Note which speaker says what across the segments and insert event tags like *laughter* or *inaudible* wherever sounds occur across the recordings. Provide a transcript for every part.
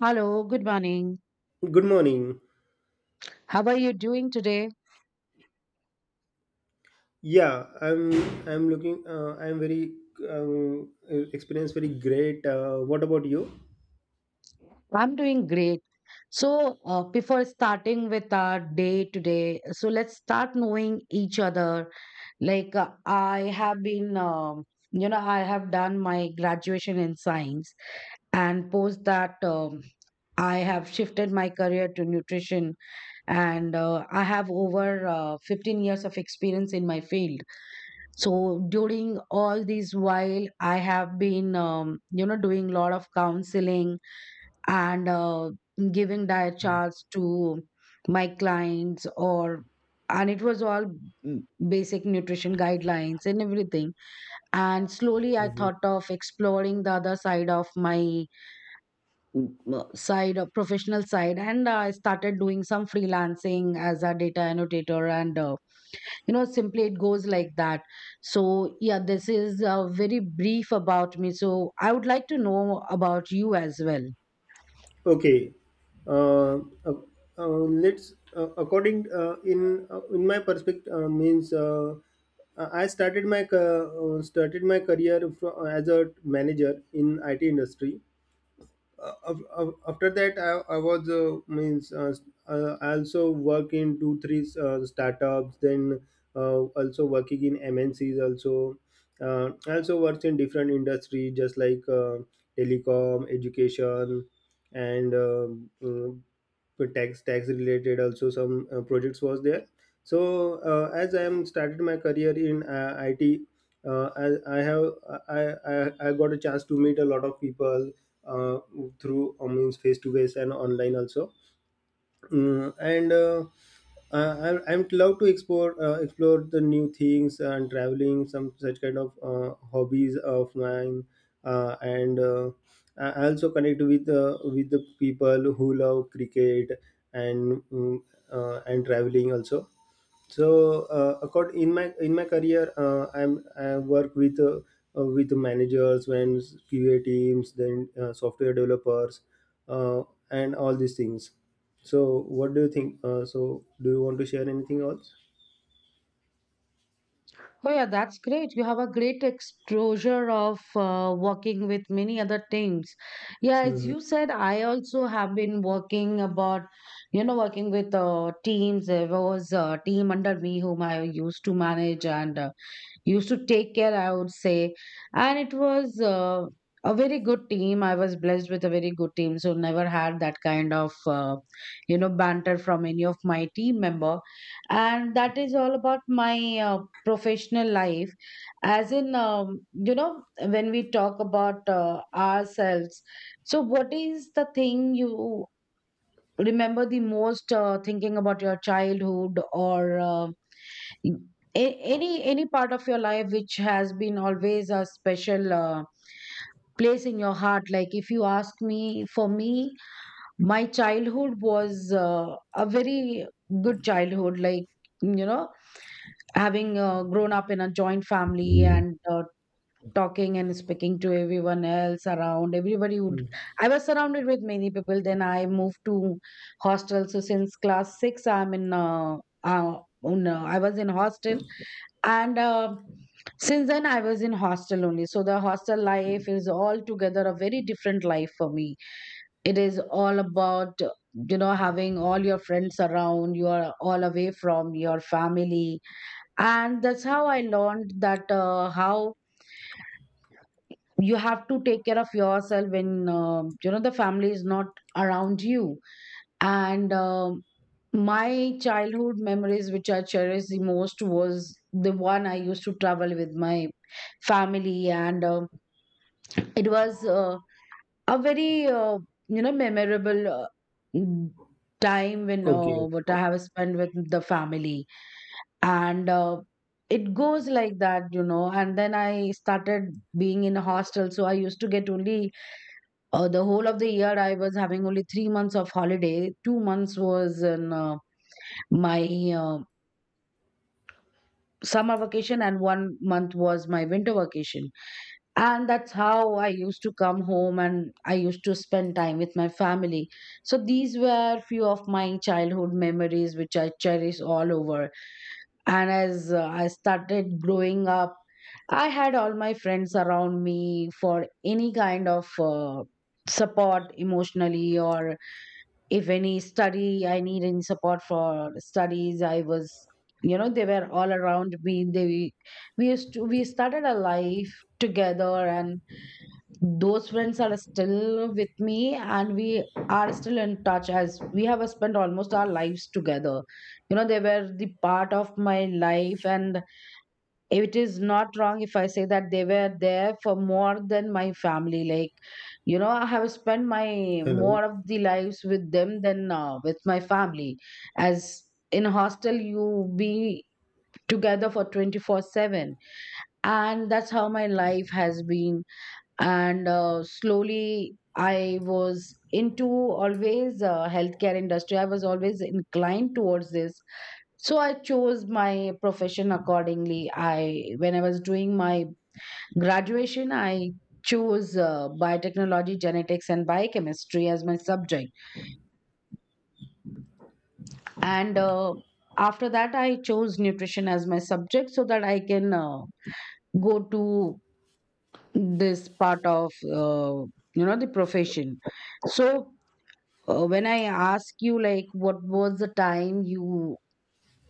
Speaker 1: Hello, good morning.
Speaker 2: Good morning.
Speaker 1: How are you doing today?
Speaker 2: Yeah, I'm looking I'm very um, experience very great. What about you?
Speaker 1: I'm doing great. So, before starting with our day today, so let's start knowing each other. Like, I have been, I have done my graduation in science, and post that, I have shifted my career to nutrition, and I have over 15 years of experience in my field. So during all these while I have been doing a lot of counseling and giving diet charts to my clients or and it was all mm, basic nutrition guidelines and everything. And slowly I
Speaker 2: Mhm.
Speaker 1: thought of exploring the other side of my side of professional side, and I started doing some freelancing as a data annotator. And simply it goes like that. So yeah, this is very brief about me, so I would like to know about you as well.
Speaker 2: Okay. Uh, uh, let's according in my perspective means I started my started my career as a manager in IT industry. After that I was means I also work in two three startups, then also working in mncs also. I also works in different industry, just like telecom, education, and for tax related also, some projects was there. So as I am started my career in it. Uh, I, I have I, I I got a chance to meet a lot of people uh, through means face to face and online also. Mm, and I'm love to explore explore the new things and traveling, some such kind of hobbies of mine. Uh, and uh, I I also connect with the people who love cricket and mm, and traveling also. So accord in my career I'm I work with managers and qa teams, then software developers, uh, and all these things. So what do you think so do you want to share anything else?
Speaker 1: Oh yeah, that's great, you have a great exposure of working with many other teams. Yeah, as
Speaker 2: Mhm.
Speaker 1: you said, I also have been working about, you know, working with teams. There was a team under me whom I used to manage and used to take care, I would say. And it was a very good team. I was blessed with a very good team, so never had that kind of, banter from any of my team member. And that is all about my professional life. As in, when we talk about ourselves, so what is the thing you remember the most thinking about your childhood, or any part of your life which has been always a special place in your heart? Like, if you ask me, for me my childhood was a very good childhood. Like, you know, having grown up in a joint family, and talking and speaking to everyone else around, everybody would, I was surrounded with many people. Then I moved to hostel, so since class 6 I'm in uh I was in hostel, and since then I was in hostel only. So the hostel life is altogether a very different life for me. It is all about having all your friends around, you are all away from your family. And that's how I learned that how you have to take care of yourself when, the family is not around you. And my childhood memories which I cherish the most was the one I used to travel with my family. And it was a very memorable mm, time when,
Speaker 2: Okay.
Speaker 1: what I have spent with the family. And it goes like that, you know. And then I started being in a hostel, so I used to get only the whole of the year, I was having only 3 months of holiday. 2 months was in my uh, summer vacation, and 1 month was my winter vacation. And that's how I used to come home and I used to spend time with my family. So these were few of my childhood memories, which I cherish all over. And as I started growing up, I had all my friends around me for any kind of support, emotionally, or if any study I need any support for studies, I was, you know, they were all around me. They, we used to we started a life together, and those friends are still with me, and we are still in touch as we have spent almost our lives together. You know, they were the part of my life, and it is not wrong if I say that they were there for more than my family. Like, you know, I have spent my
Speaker 2: Hello.
Speaker 1: more of the lives with them than with my family, as in hostel you be together for 24/7. And that's how my life has been. And slowly I was into always healthcare industry. I was always inclined towards this, so I chose my profession accordingly. I, when I was doing my graduation, I chose biotechnology, genetics and biochemistry as my subject. And after that I chose nutrition as my subject, so that I can go to this part of the profession. So when I ask you, like, what was the time you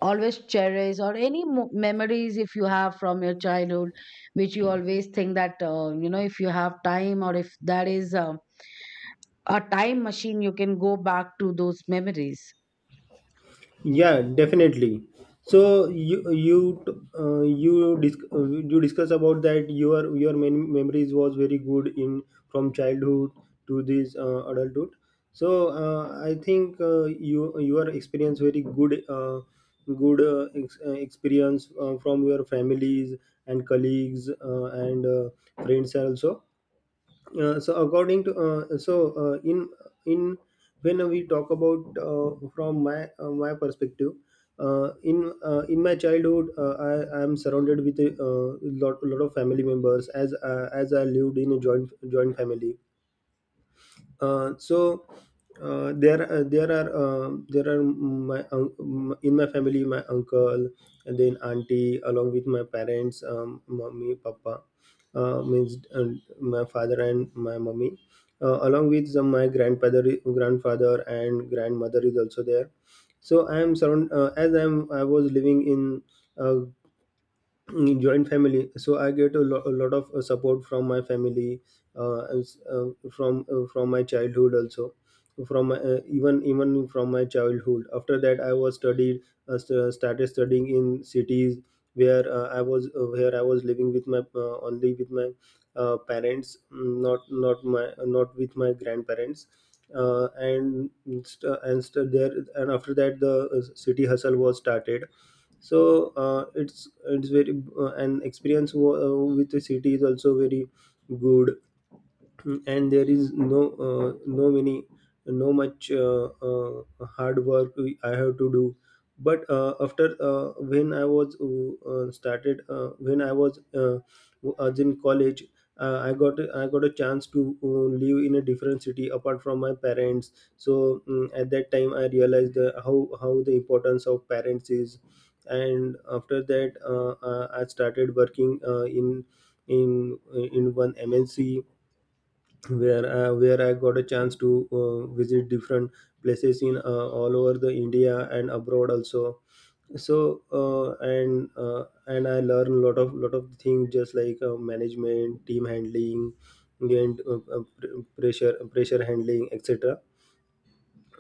Speaker 1: always cherish, or any memories if you have from your childhood, which you always think that, if you have time, or if that is a time machine you can go back to those memories?
Speaker 2: Yeah, definitely. So you you discuss about that your memories was very good in from childhood to this adulthood. So I think you your experience very good good experience from your families and colleagues and friends also. So according to so in when we talk about from my my perspective, in my childhood I am surrounded with a lot of family members, as I lived in a joint family. So there are my in my family my uncle and then auntie, along with my parents, mommy papa, means and my father and my mommy, along with some my grandfather and grandmother is also there. So I am surround as I am I was living in a in joint family, so I get a, lo- a lot of support from my family, as, from my childhood also, from my, even from my childhood. After that I was studied started studying in cities, where I was where I was living with my only with my parents, mm, not my not with my grandparents. uh, and there and after that the city hustle was started. So it's very an experience with the city is also very good. Mm, and there is no no many no much hard work I have to do. But after when I was started when I was in college, i got I got a chance to live in a different city apart from my parents. So mm, at that time I realized the, how the importance of parents is. And after that I started working in in one mnc, where I got a chance to visit different places in all over the India and abroad also. So and I learned a lot of things, just like management, team handling, and pressure handling, etc.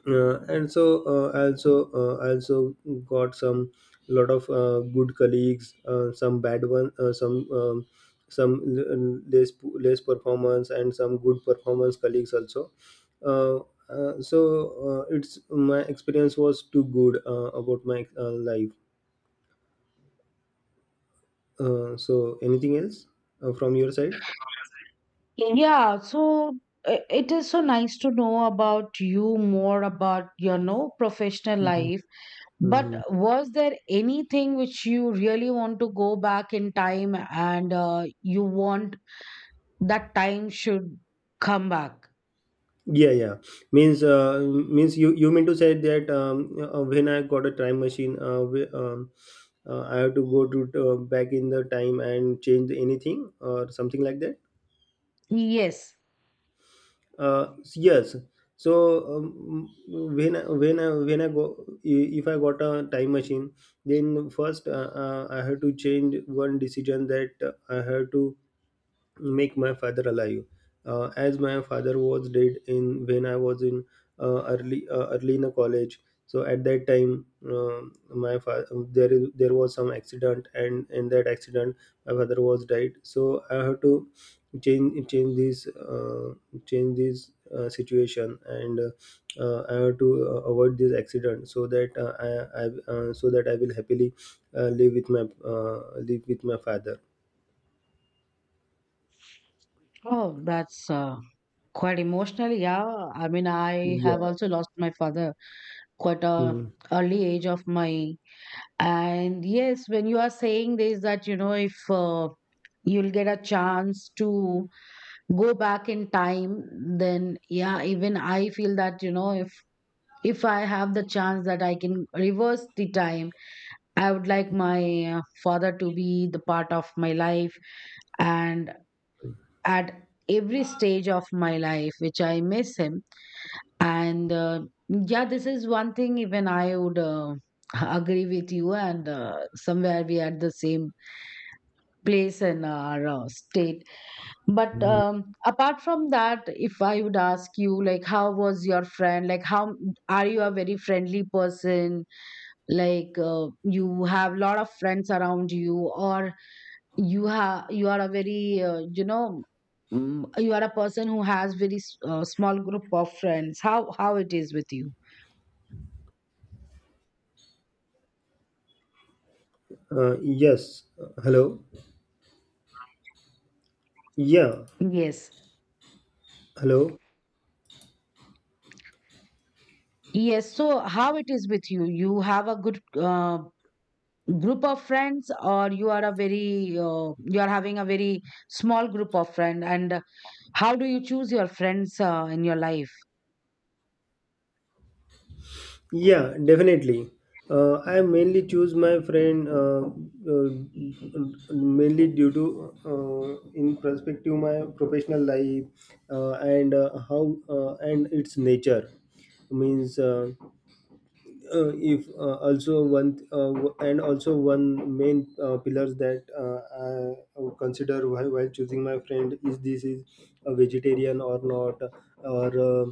Speaker 2: and so I also got some lot of good colleagues, some bad one, less performance, and some good performance colleagues also. Uh, uh, so it's my experience was too good about my life. So anything else from your side?
Speaker 1: Yeah, so it is so nice to know about you, more about your no professional
Speaker 2: Mhm.
Speaker 1: life. But
Speaker 2: Mhm.
Speaker 1: was there anything which you really want to go back in time and you want that time should come back?
Speaker 2: Yeah, yeah. Means, means you you mean to say that when I got a time machine, I have to go to back in the time and change anything or something like that.
Speaker 1: Yes.
Speaker 2: Yes. So when I go if I got a time machine, then first I have to change one decision, that I have to make my father alive. As my father was dead in when I was in early in a college. So at that time, um, my father there is there was some accident, and in that accident my father was died. So I have to change this situation, and I have to avoid this accident, so that I so that I will happily live with my father.
Speaker 1: Oh, that's quite emotional. Yeah, I mean, I
Speaker 2: Yeah.
Speaker 1: have also lost my father quite a early age of my, and yes, when you are saying this, that, you know, if you'll get a chance to go back in time, then yeah, even I feel that, you know, if I have the chance that I can reverse the time, I would like my father to be the part of my life, and at every stage of my life which I miss him. And yeah, this is one thing even I would *laughs* agree with you. And somewhere we are the same place in our state. But
Speaker 2: Hmm.
Speaker 1: apart from that, if I would ask you, like, how was your friend? Like, how are you a very friendly person? Like, you have a lot of friends around you, or you have, you are a very you know, you are a person who has very small group of friends. How it is with you?
Speaker 2: Yes. Hello. Yeah.
Speaker 1: Yes.
Speaker 2: Hello.
Speaker 1: Yes, so how it is with you? You have a good group of friends, or you are a very you are having a very small group of friend, and how do you choose your friends in your life?
Speaker 2: Yeah, definitely. I mainly choose my friend uh, mainly due to in perspective my professional life, and how and its nature, means. If also one and also one main pillars that I would consider while choosing my friend, is this is a vegetarian or not, or uh,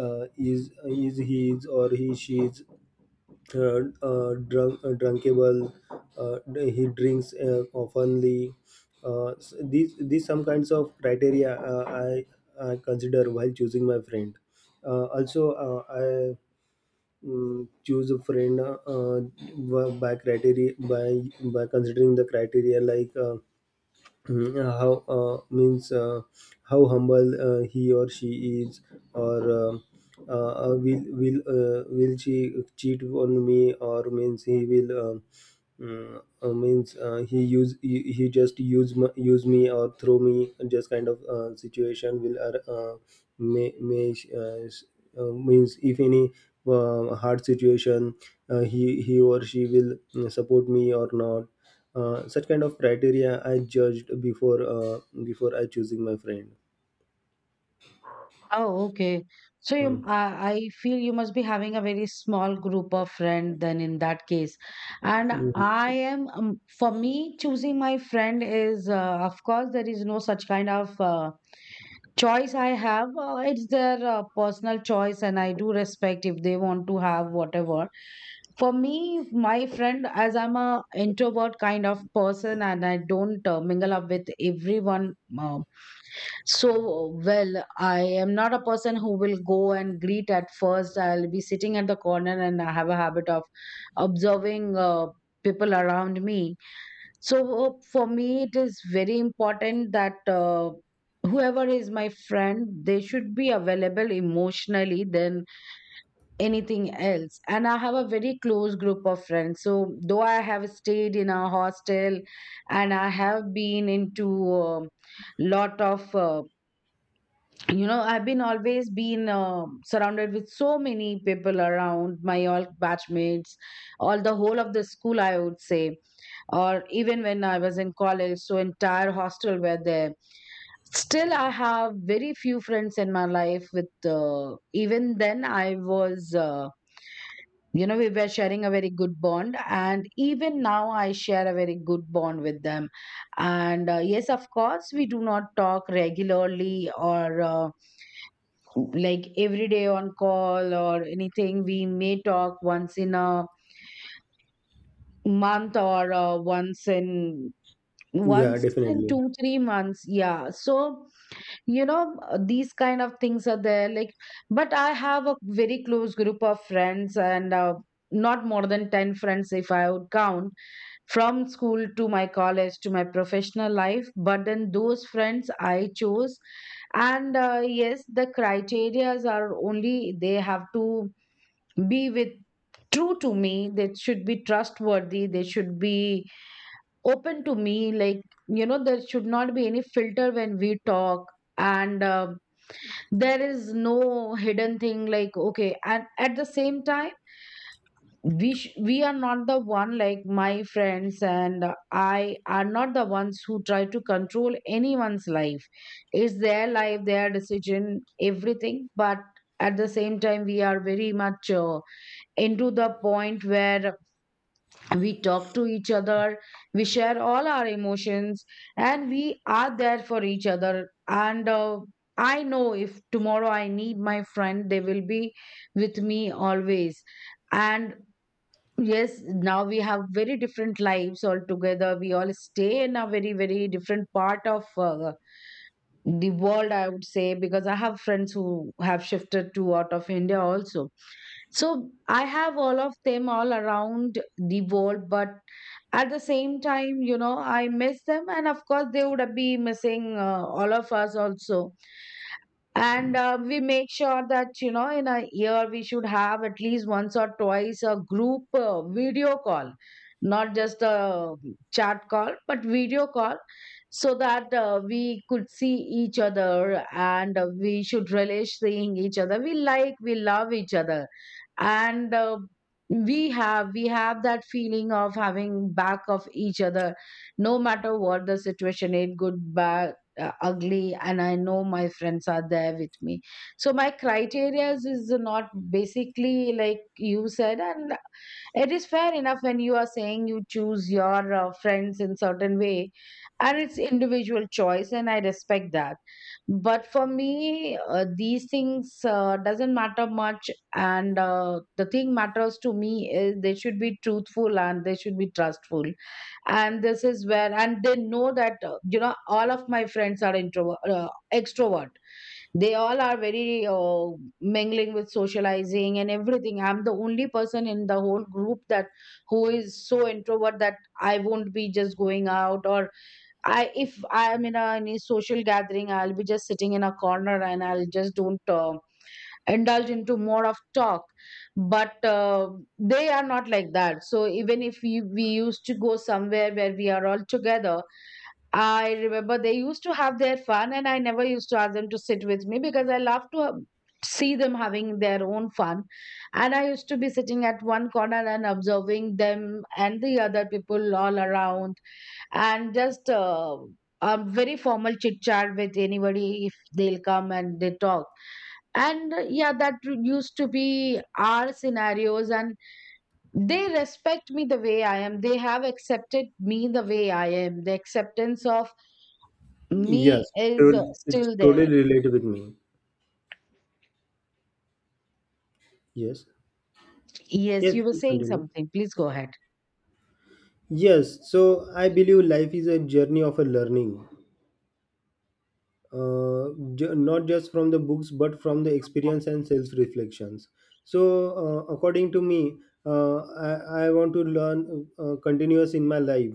Speaker 2: uh, is he is or he she is drunkable, he drinks oftenly. These some kinds of criteria I consider while choosing my friend. Uh, also uh, I mm, choose a friend by criteria by considering the criteria like Mm, how means how humble he or she is, or will she cheat on me, or means he will means he use he just use use me or throw me, just kind of situation will may means if any hard situation, he or she will mm, support me or not. Such kind of criteria I judged before before I choosing my friend.
Speaker 1: Oh, okay. So
Speaker 2: Hmm.
Speaker 1: you, I feel you must be having a very small group of friend then in that case. And
Speaker 2: Mm.
Speaker 1: I am, for me choosing my friend is of course there is no such kind of. Choice I have, it's their personal choice, and I do respect if they want to have whatever. For me, my friend, as I'm a introvert kind of person, and I don't mingle up with everyone, so well. I am not a person who will go and greet at first. I'll be sitting at the corner, and I have a habit of observing people around me. So for me, it is very important that, whoever is my friend, they should be available emotionally than anything else. And I have a very close group of friends. So though I have stayed in a hostel and I have been into um lot of, I've been always been surrounded with so many people around, my all batchmates, all the whole of the school, I would say, or even when I was in college, so entire hostel were there. Still, I have very few friends in my life. With even then, I was, we were sharing a very good bond, and even now, I share a very good bond with them. And yes, of course, we do not talk regularly, or like every day on call or anything. We may talk once in a month, or once in
Speaker 2: Yeah,
Speaker 1: once in
Speaker 2: definitely.
Speaker 1: 2-3 months. Yeah. So these kind of things are there, like, but I have a very close group of friends, and not more than 10 friends if I would count, from school to my college to my professional life. But then, those friends I chose. And yes, the criterias are, only they have to be with— true to me. They should be trustworthy. They should be open to me, like, there should not be any filter when we talk. And there is no hidden thing, like, okay. And at the same time, we are not the one. Like, my friends and I are not the ones who try to control anyone's life. It's their life, their decision, everything. But at the same time, we are very much into the point where we talk to each other, we share all our emotions, and we are there for each other. And I know if tomorrow I need my friend, they will be with me always. And yes, now we have very different lives altogether. We all stay in a very, very different part of the world, I would say, because I have friends who have shifted to out of India also. So I have all of them all around the world. But at the same time, you know, I miss them, and of course, they would be missing all of us also. And we make sure that, you know, in a year, we should have at least once or twice a group video call. Not just a chat call, but video call. So that we could see each other, and we should relish seeing each other. We, like, we love each other. And we have that feeling of having back of each other, no matter what the situation is, good, bad, ugly. And I know my friends are there with me. So my criteria is not basically like you said, and it is fair enough when you are saying you choose your friends in certain way, and it's individual choice, and I respect that. But for me, these things doesn't matter much. And the thing matters to me is they should be truthful, and they should be trustful. And this is where— and they know that, you know, all of my friends are introvert, extrovert. They all are very mingling with socializing and everything. I'm the only person in the whole group that— who is so introvert that I won't be just going out, or I— if I am in a any social gathering, I'll be just sitting in a corner, and I'll just don't indulge into more of talk. But they are not like that. So even if we used to go somewhere where we are all together, I remember they used to have their fun, and I never used to ask them to sit with me because I love to see them having their own fun. And I used to be sitting at one corner and observing them and the other people all around, and just a very formal chit chat with anybody if they'll come and they talk. And yeah, that used to be our scenarios. And they respect me the way I am. They have accepted me the way I am. The acceptance of me
Speaker 2: Yes,
Speaker 1: is
Speaker 2: it's
Speaker 1: still
Speaker 2: totally
Speaker 1: there.
Speaker 2: related with me. Yes.
Speaker 1: Yes,
Speaker 2: Yes,
Speaker 1: you were
Speaker 2: please
Speaker 1: saying
Speaker 2: continue.
Speaker 1: something, please go ahead.
Speaker 2: Yes, so I believe life is a journey of a learning. uh, Not just from the books, but from the experience and self reflections. So according to me, uh, I, I want to learn continuous in my life,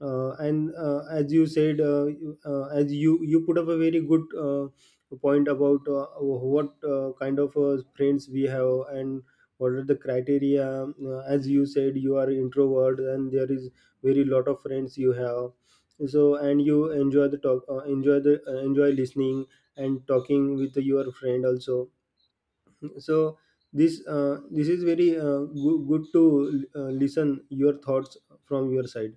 Speaker 2: and as you said, as you you put up a very good point about what kind of friends we have and what are the criteria. As you said, you are introvert and there is very lot of friends you have. So and you enjoy the talk enjoy the enjoy listening and talking with your friend also. So this this is very good to listen your thoughts from your side.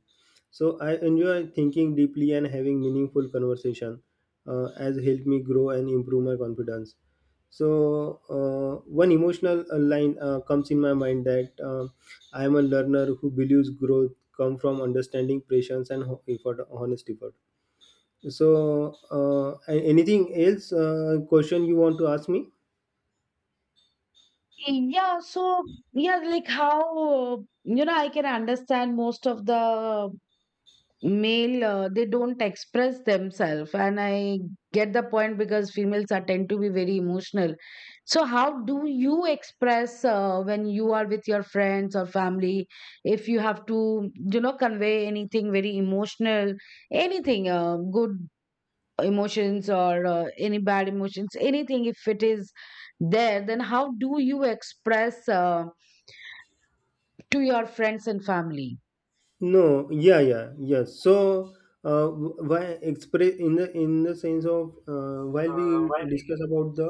Speaker 2: So I enjoy thinking deeply and having meaningful conversation, as help me grow and improve my confidence. So one emotional line comes in my mind, that I am a learner who believes growth come from understanding, patience, and ho- effort honest effort. So, anything else? Question you want to ask me?
Speaker 1: Yeah, so, yeah, like, how uh, you know, I can understand most of the male, they don't express themselves, and I get the point because females are tend to be very emotional. So how do you express when you are with your friends or family, if you have to, you know, convey anything very emotional, anything, good emotions or any bad emotions, anything, if it is there, then how do you express to your friends and family?
Speaker 2: No, yeah, yeah, yes. So, why express in the sense of while we discuss about the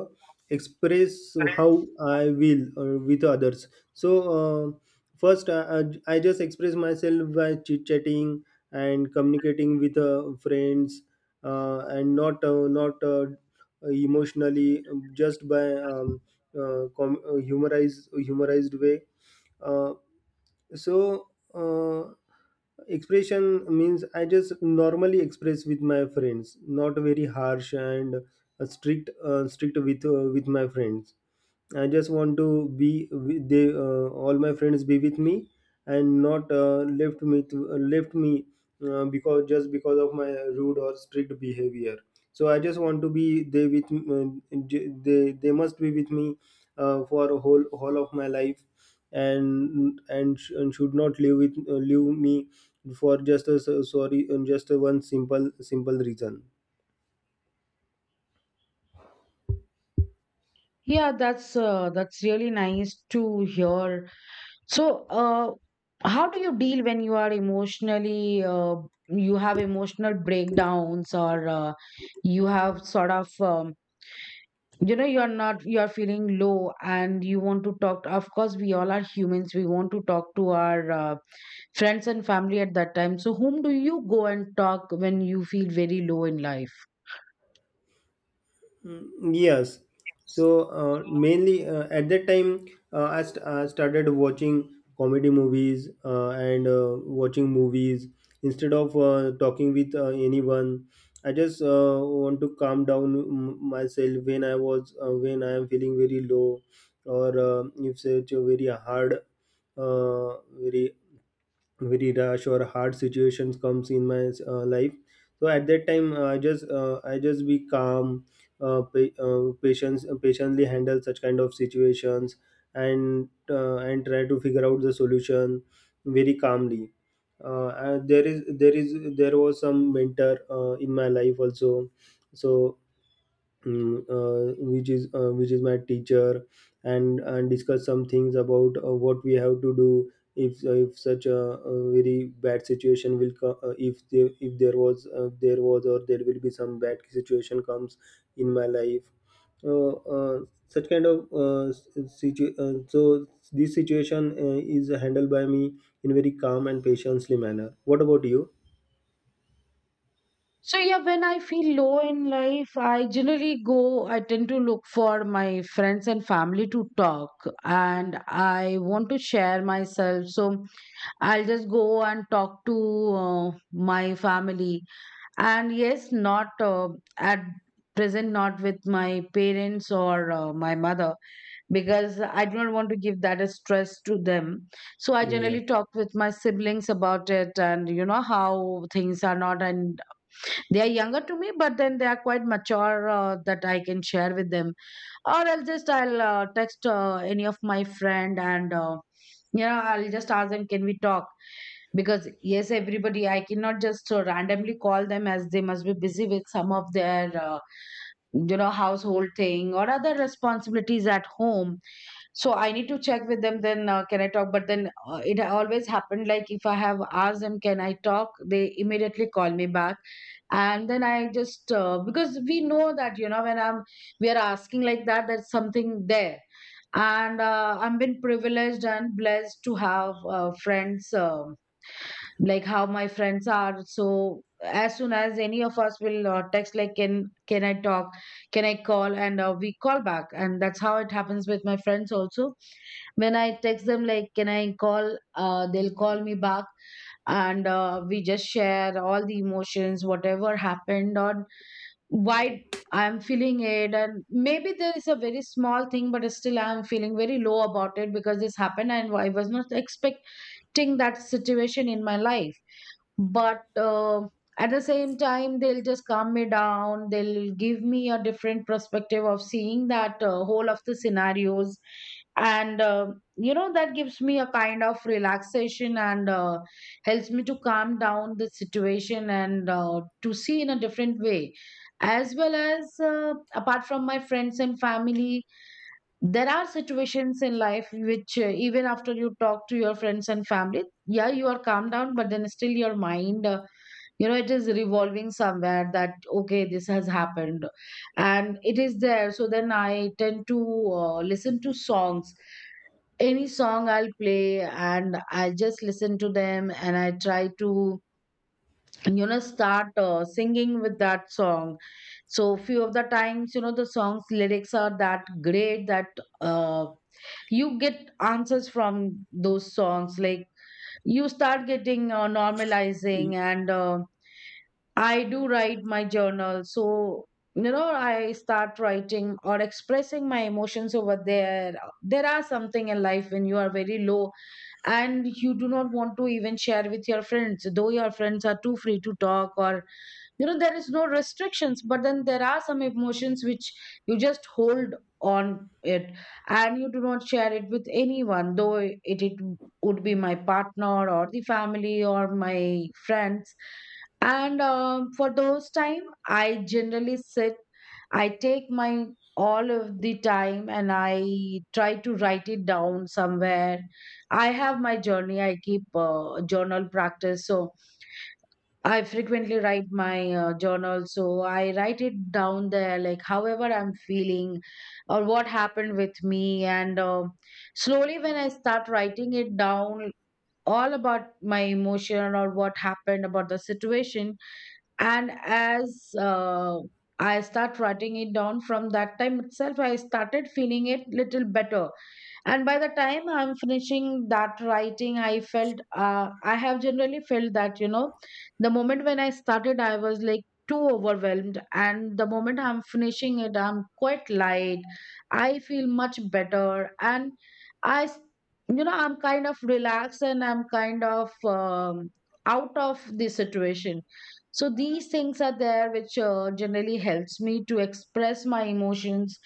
Speaker 2: express how I will with others. So, uh, first I I just express myself by chit chatting and communicating with friends, and not not emotionally, just by humorized way. Uh, so uh, Expression means I just normally express with my friends, not very harsh and strict with my friends. I just want to be with they all my friends be with me, and not left me to left me because just because of my rude or strict behavior. So I just want to be they with they must be with me for a whole of my life, and, and should not leave with leave me for just a sorry and just a one simple reason.
Speaker 1: Yeah, that's really nice to hear. So, how do you deal when you are emotionally, you have emotional breakdowns, or you have sort of, you know, you are not, you are feeling low and you want to talk. Of course, we all are humans. We want to talk to our friends and family at that time. So, whom do you go and talk when you feel very low in life?
Speaker 2: Mm, yes. So mainly at that time, I started watching comedy movies and watching movies instead of talking with anyone. I just want to calm down myself when I was when I am feeling very low, or if such a very hard, uh, very very rush or hard situations comes in my life. So at that time I just be calm, pa- patience patiently handle such kind of situations, and try to figure out the solution very calmly. And there is there is there was some mentor in my life also. So mm, which is my teacher, and discuss some things about what we have to do if such a very bad situation will come, if there was there was or there will be some bad situation comes in my life, uh, uh, such kind of so this situation is handled by me in very calm and patiently manner. What about you?
Speaker 1: So yeah, when I feel low in life, I generally go, I tend to look for my friends and family to talk, and I want to share myself. So I'll just go and talk to my family. And yes, not at present, not with my parents or my mother, because I do not want to give that as stress to them. So I
Speaker 2: Yeah.
Speaker 1: generally talk with my siblings about it, and you know how things are, not— and they are younger to me, but then they are quite mature, that I can share with them. Or else, just I'll text any of my friend, and you know, I'll just ask them, can we talk? Because yes, everybody I cannot just randomly call them, as they must be busy with some of their, you know, household thing or other responsibilities at home. So I need to check with them then, can I talk? But then, it always happened, like, if I have asked them, can I talk, they immediately call me back. And then I just, because we know that, you know, when I'm we are asking like that, there's something there. And I've been privileged and blessed to have friends, like, how my friends are. So as soon as any of us will text, like, can I talk, can I call, and we call back. And that's how it happens with my friends also. When I text them, like, can I call, they'll call me back. And we just share all the emotions, whatever happened, on why I'm feeling it. And maybe there is a very small thing, but still I'm feeling very low about it because this happened, and I was not expecting that situation in my life. But at the same time, they'll just calm me down, they'll give me a different perspective of seeing that whole of the scenarios. And you know, that gives me a kind of relaxation, and helps me to calm down the situation, and to see in a different way. As well as apart from my friends and family, there are situations in life which, even after you talk to your friends and family, yeah, you are calmed down, but then still your mind, you know, it is revolving somewhere that, okay, this has happened, and it is there. So then I tend to listen to songs. Any song I'll play, and I just listen to them, and I try to, you know, start singing with that song. So few of the times, you know, the song's lyrics are that great that, uh, you get answers from those songs, like, you start getting normalizing,
Speaker 2: Y-
Speaker 1: and I do write my journal. So you know, I start writing or expressing my emotions over there. There are something in life when you are very low, and you do not want to even share with your friends, though your friends are too free to talk, or, you know, there is no restrictions. But then, there are some emotions which you just hold on it, and you do not share it with anyone, though it would be my partner or the family or my friends. And for those time, I generally sit, I take my all of the time, and I try to write it down somewhere. I have my journey, I keep journal practice. So I frequently write my journal. So I write it down there, like, however I'm feeling, or what happened with me. And slowly, when I start writing it down, all about my emotion or what happened about the situation, and as I start writing it down, from that time itself, I started feeling it little better. And by the time I'm finishing that writing, I felt, I have generally felt that, you know, the moment when I started, I was like too overwhelmed, and the moment I'm finishing it, I'm quite light. I feel much better, and i s- you know, I'm kind of relaxed, and I'm kind of, out of the situation. So these things are there which, generally helps me to express my emotions.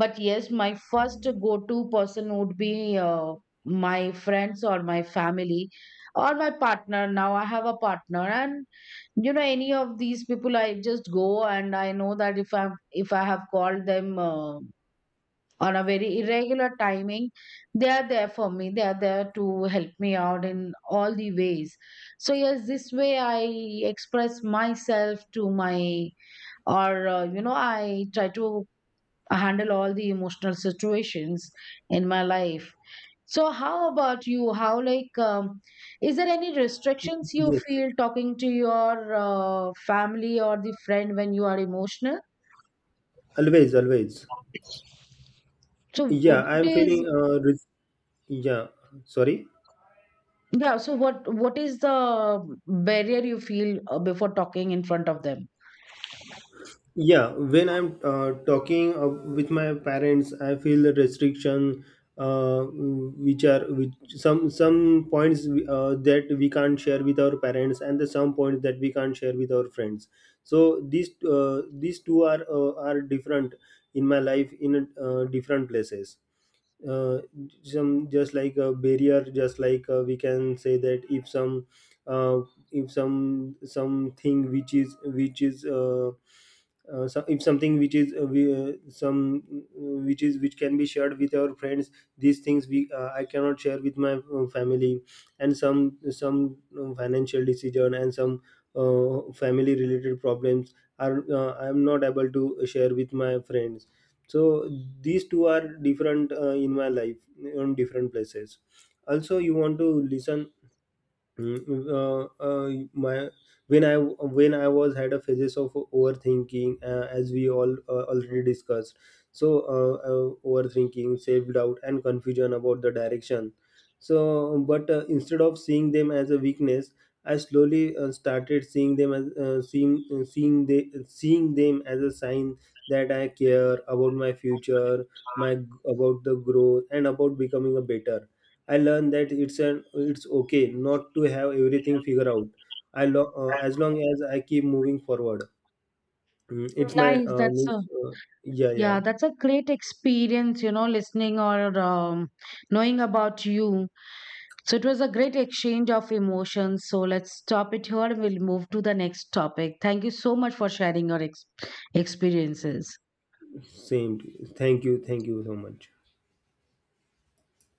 Speaker 1: But yes, my first go-to person would be my friends or my family or my partner. Now I have a partner, and you know, any of these people, I just go, and I know that if I have called them, on a very irregular timing, they are there for me. They are there to help me out in all the ways. So yes, this way I express myself to my— or, you know, I try to handle all the emotional situations in my life. So how about you? How, like, is there any restrictions you
Speaker 2: yes,
Speaker 1: feel talking to your family or the friend when you are emotional?
Speaker 2: always always.
Speaker 1: So
Speaker 2: Yeah,
Speaker 1: what
Speaker 2: I'm
Speaker 1: is—
Speaker 2: feeling. Yeah, sorry.
Speaker 1: yeah, so what is the barrier you feel before talking in front of them?
Speaker 2: Yeah, when I'm talking with my parents, I feel the restriction, which are which some points that we can't share with our parents, and the some points that we can't share with our friends. So these two are different in my life in different places. uh, some just like a barrier, just like we can say that uh, if some something which is so if something which is which is which can be shared with our friends, these things we I cannot share with my family. And some financial decision, and some family related problems are I am not able to share with my friends. So these two are different in my life on different places. Also you want to listen. Mm, my when I was had a phases of overthinking, as we all already discussed. So overthinking, self doubt, and confusion about the direction. So, but instead of seeing them as a weakness, I slowly started seeing them as seeing them as a sign that I care about my future, my about the growth, and about becoming a better. I learned that it's an it's okay not to have everything figured out. As long as I keep moving forward. Mm, it's my
Speaker 1: Nice. That's
Speaker 2: means,
Speaker 1: a—
Speaker 2: uh, yeah, yeah.
Speaker 1: yeah, that's a great experience, you know, listening, or knowing about you. So it was a great exchange of emotions. So let's stop it here, and we'll move to the next topic. Thank you so much for sharing your experiences.
Speaker 2: Same. Thank you, thank you so much.